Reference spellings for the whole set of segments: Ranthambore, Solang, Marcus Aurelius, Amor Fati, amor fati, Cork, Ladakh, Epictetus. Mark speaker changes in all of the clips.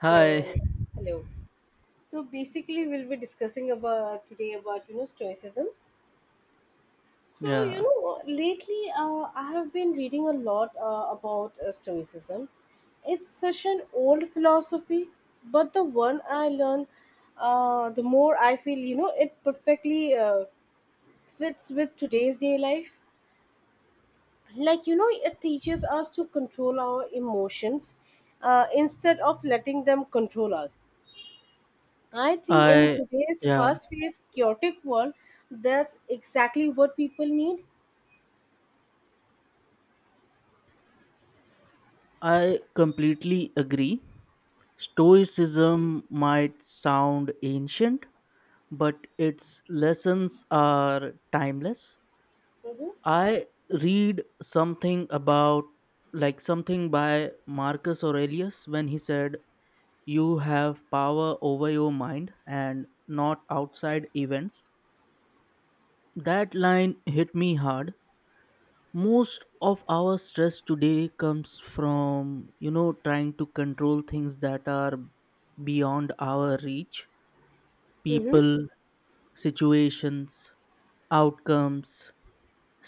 Speaker 1: Hi.
Speaker 2: hello. So basically, we'll be discussing about today about stoicism. So you
Speaker 1: Yeah.
Speaker 2: know, lately uh, I have been reading a lot about stoicism. It's such an old philosophy, but the one I learn, the more I feel it perfectly fits with today's day life. It teaches us to control our emotions instead of letting them control us. I think in
Speaker 1: I
Speaker 2: today's
Speaker 1: yeah,
Speaker 2: fast paced, chaotic world, that's exactly what people need.
Speaker 1: I completely agree. Stoicism might sound ancient, but its lessons are timeless.
Speaker 2: Mm-hmm.
Speaker 1: I read something about something by Marcus Aurelius when he said you have power over your mind and not outside events. That line hit me hard. Most of our stress today comes from trying to control things that are beyond our reach:
Speaker 2: Mm-hmm.
Speaker 1: people, situations, outcomes.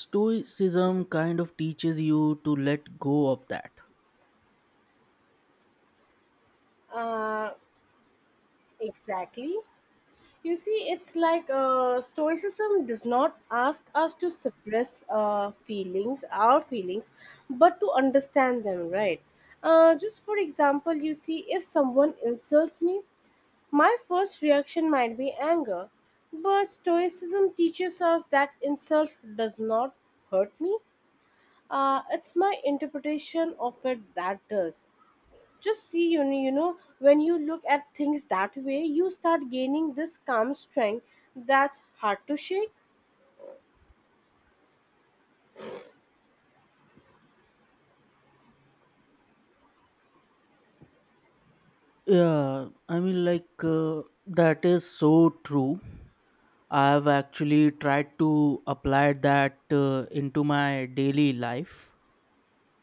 Speaker 1: Stoicism kind of teaches you to let go of that.
Speaker 2: Uh, exactly. You see, it's like Stoicism does not ask us to suppress our feelings, but to understand them, right? Just for example, you see, if someone insults me, my first reaction might be anger. But Stoicism teaches us that insult does not hurt me. It's my interpretation of it that does. Just see, when you look at things that way, you start gaining this calm strength that's hard to shake.
Speaker 1: Yeah, I mean, that is so true. I've actually tried to apply that into my daily life,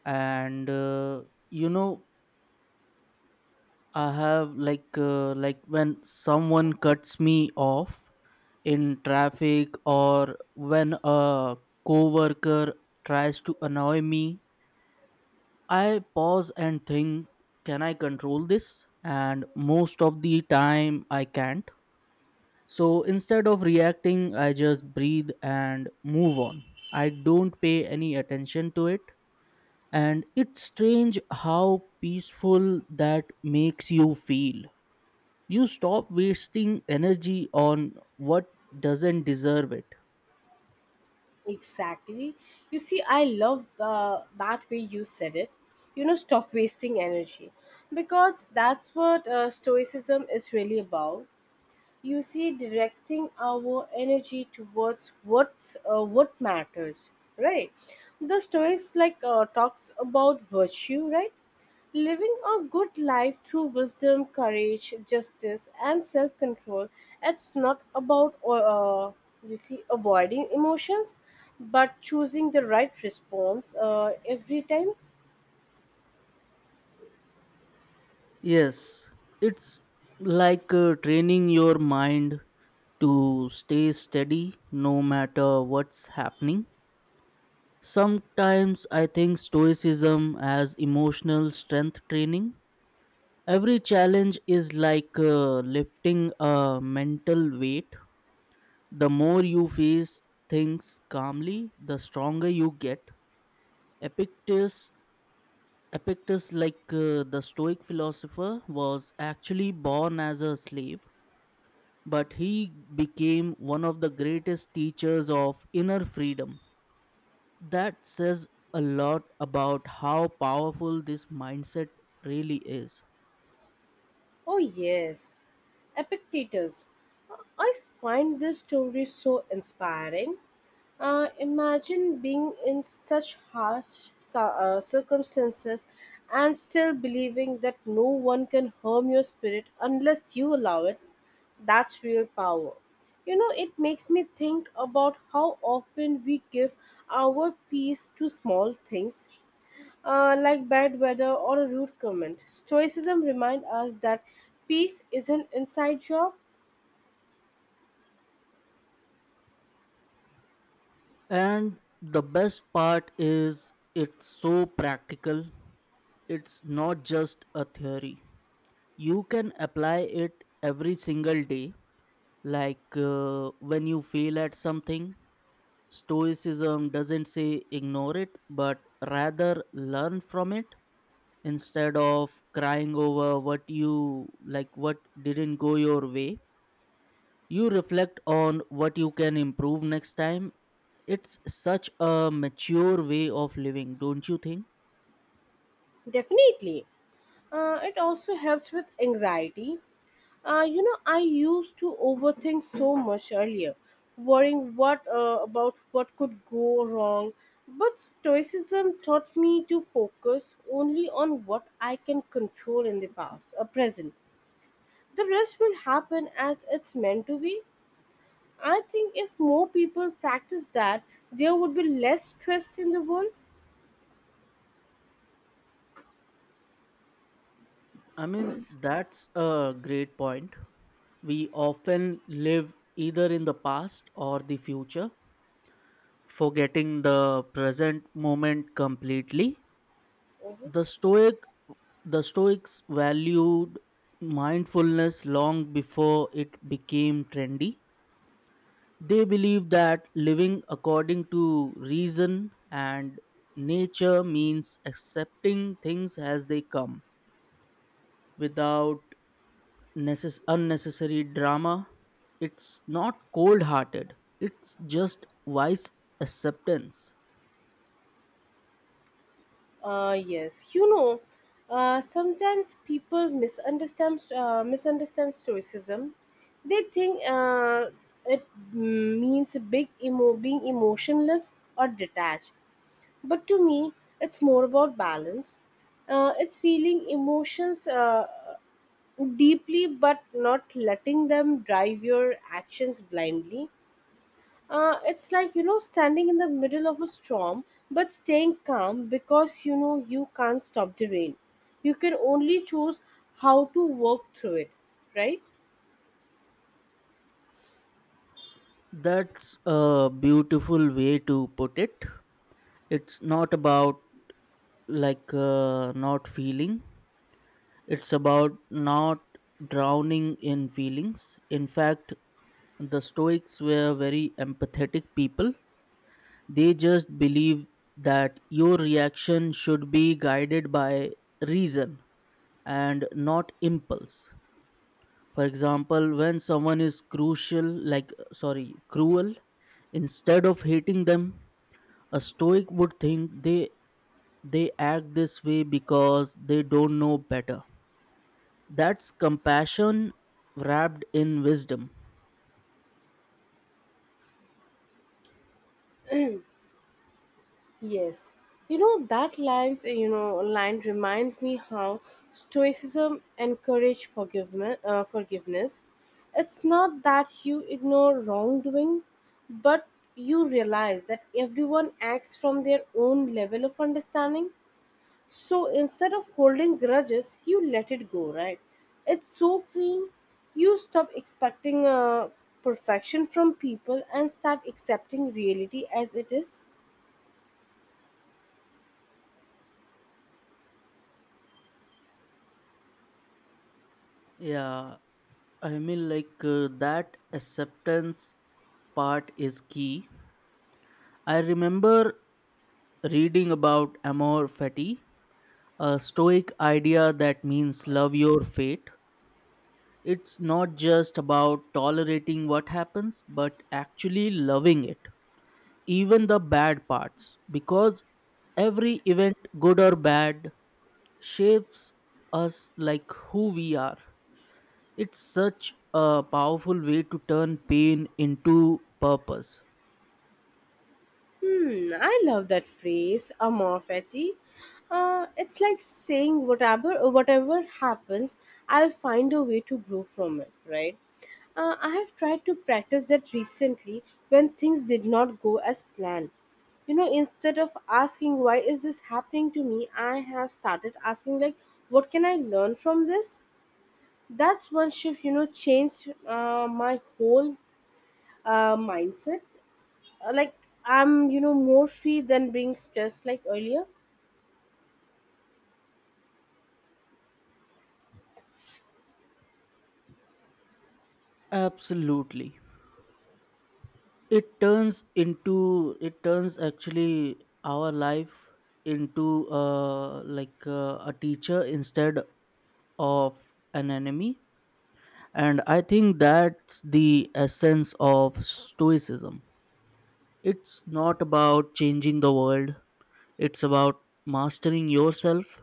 Speaker 1: and you know I have like when someone cuts me off in traffic, or when a coworker tries to annoy me, I pause and think, can I control this? And most of the time I can't. So instead of reacting, I just breathe and move on. I don't pay any attention to it. And it's strange how peaceful that makes you feel. You stop wasting energy on what doesn't deserve it.
Speaker 2: Exactly. You see, I love the that way you said it. You know, stop wasting energy, because that's what stoicism is really about. You see, directing our energy towards what matters, right? The Stoics talks about virtue, right? Living a good life through wisdom, courage, justice, and self-control. It's not about uh, you see avoiding emotions, but choosing the right response every time.
Speaker 1: Yes, it's training your mind to stay steady no matter what's happening. Sometimes I think stoicism as emotional strength training. Every challenge is lifting a mental weight. The more you face things calmly, the stronger you get. Epictetus, Epictetus, the Stoic philosopher, was actually born as a slave, but he became one of the greatest teachers of inner freedom. That says a lot about how powerful this mindset really is.
Speaker 2: Oh yes. Epictetus. I find this story so inspiring. Imagine being in such harsh circumstances and still believing that no one can harm your spirit unless you allow it. That's real power. You know, it makes me think about how often we give our peace to small things like bad weather or a rude comment. Stoicism reminds us that peace is an inside job.
Speaker 1: And the best part is it's so practical. It's not just a theory. You can apply it every single day. When you fail at something, Stoicism doesn't say ignore it, but rather learn from it. Instead of crying over what didn't go your way, you reflect on what you can improve next time. It's such a mature way of living, don't you think?
Speaker 2: Definitely. It also helps with anxiety. I used to overthink so much earlier, worrying what about what could go wrong. But Stoicism taught me to focus only on what I can control in the past, or present. The rest will happen as it's meant to be. I think if more people practice that, there would be less stress in the world.
Speaker 1: I mean, that's a great point. We often live either in the past or the future, forgetting the present moment completely.
Speaker 2: Hmm.
Speaker 1: The stoic the stoics valued mindfulness long before it became trendy. They believed that living according to reason and nature means accepting things as they come without unnecessary drama. It's not cold hearted, it's just wise acceptance.
Speaker 2: Yes, you know, sometimes people misunderstand stoicism. They think it means being emotionless or detached. But to me, it's more about balance. It's feeling emotions deeply, but not letting them drive your actions blindly. It's like, you know, standing in the middle of a storm, but staying calm because, you know, you can't stop the rain. You can only choose how to work through it, right?
Speaker 1: That's a beautiful way to put it. It's not about not feeling, it's about not drowning in feelings. In fact, the Stoics were very empathetic people. They just believe that your reaction should be guided by reason and not impulse. For example, when someone is cruel, instead of hating them, a stoic would think they act this way because they don't know better. That's compassion wrapped in wisdom.
Speaker 2: Yes. You know, that line reminds me how stoicism encourage forgiveness. It's not that you ignore wrongdoing, but you realize that everyone acts from their own level of understanding. So instead of holding grudges, you let it go, right? It's so freeing. You stop expecting perfection from people and start accepting reality as it is.
Speaker 1: Yeah, I mean, that acceptance part is key. I remember reading about Amor Fati, a stoic idea that means love your fate. It's not just about tolerating what happens, but actually loving it, even the bad parts, because every event, good or bad, shapes us like who we are. It's such a powerful way to turn pain into purpose.
Speaker 2: Hmm, I love that phrase, amor fati. It's like saying whatever happens, I'll find a way to grow from it, right? I have tried to practice that recently when things did not go as planned. You know, instead of asking why is this happening to me, I have started asking like, what can I learn from this? That's one shift. You know, changed my whole mindset uh, like I'm more free than being stressed like earlier.
Speaker 1: Absolutely. It turns into it turns actually our life into a teacher instead of an enemy. And I think that's the essence of stoicism. It's not about changing the world, it's about mastering yourself.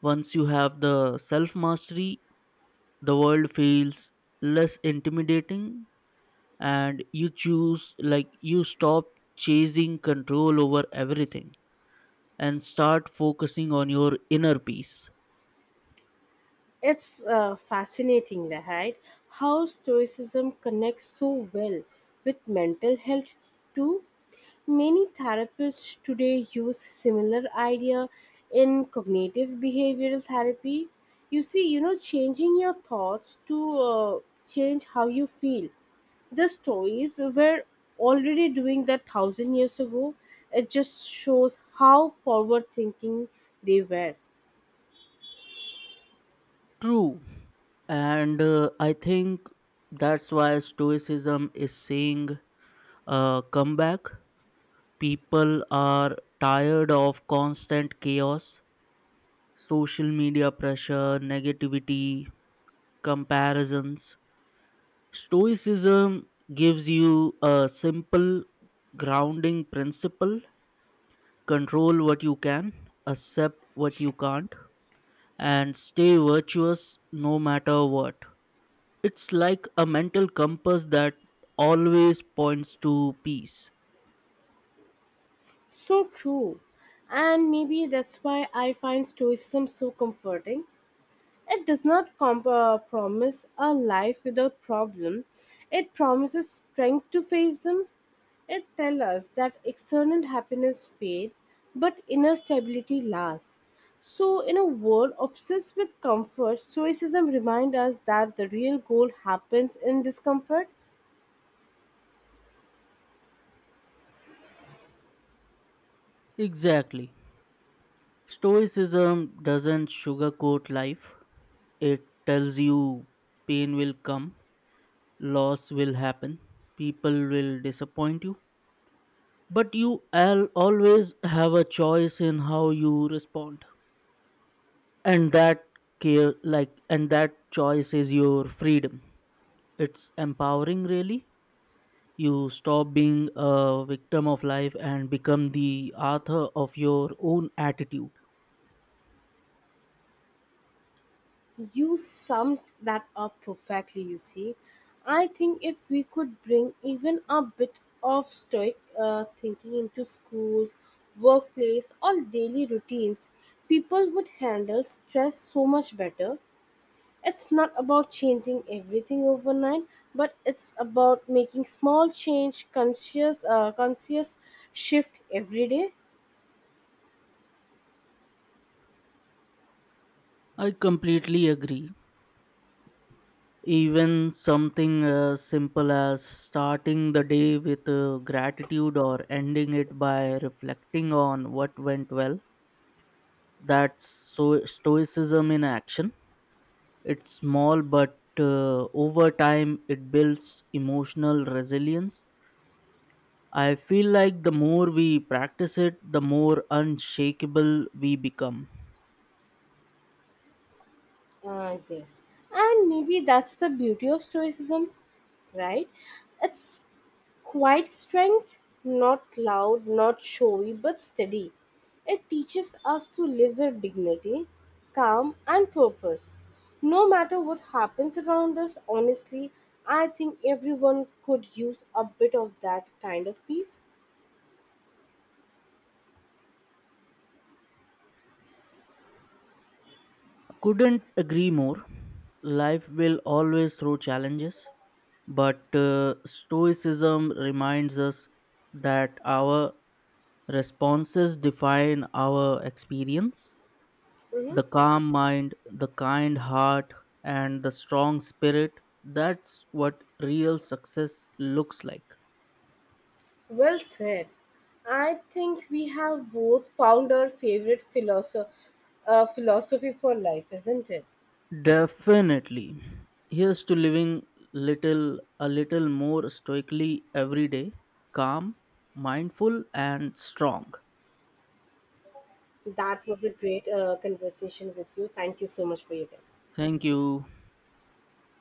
Speaker 1: Once you have the self mastery, the world feels less intimidating, and you choose like you stop chasing control over everything and start focusing on your inner peace.
Speaker 2: It's fascinating, right? How Stoicism connects so well with mental health too. Many therapists today use similar idea in cognitive behavioral therapy. You see, you know, changing your thoughts to change how you feel. The Stoics were already doing that thousand years ago. It just shows how forward thinking they were.
Speaker 1: True. And I think that's why stoicism is saying, come back. People are tired of constant chaos, social media pressure, negativity, comparisons. Stoicism gives you a simple grounding principle: control what you can, accept what you can't, and stay virtuous no matter what. It's like a mental compass that always points to peace.
Speaker 2: So true. And maybe that's why I find Stoicism so comforting. It does not com promise a life without problem, it promises strength to face them. It tells us that external happiness fades, but inner stability lasts. So, in a world obsessed with comfort, Stoicism reminds us that the real goal happens in discomfort.
Speaker 1: Exactly. Stoicism doesn't sugarcoat life, it tells you pain will come, loss will happen, people will disappoint you, but you always have a choice in how you respond. And that care like and that choice is your freedom. It's empowering, really. You stop being a victim of life and become the author of your own attitude.
Speaker 2: You summed that up perfectly, you see. I think if we could bring even a bit of stoic thinking into schools, workplace, or daily routines, people would handle stress so much better. It's not about changing everything overnight, but it's about making small change, conscious shift every day.
Speaker 1: I completely agree. Even something as simple as starting the day with gratitude, or ending it by reflecting on what went well, that's so stoicism in action. It's small, but over time it builds emotional resilience. I feel like the more we practice it, the more unshakable we become.
Speaker 2: Yes. And maybe that's the beauty of stoicism, right? It's quiet strength, not loud, not showy, but steady. It teaches us to live with dignity, calm, and purpose. No matter what happens around us, honestly, I think everyone could use a bit of that kind of peace.
Speaker 1: Couldn't agree more. Life will always throw challenges, but Stoicism reminds us that our responses define our experience.
Speaker 2: Hmm.
Speaker 1: The calm mind, the kind heart, and the strong spirit, that's what real success looks like.
Speaker 2: Well said. I think we have both found our favorite philosophy for life, isn't it?
Speaker 1: Definitely. Here's to living little a little more stoically every day, calm, mindful and strong.
Speaker 2: That was a great conversation with you. Thank you so much for your time.
Speaker 1: Thank you.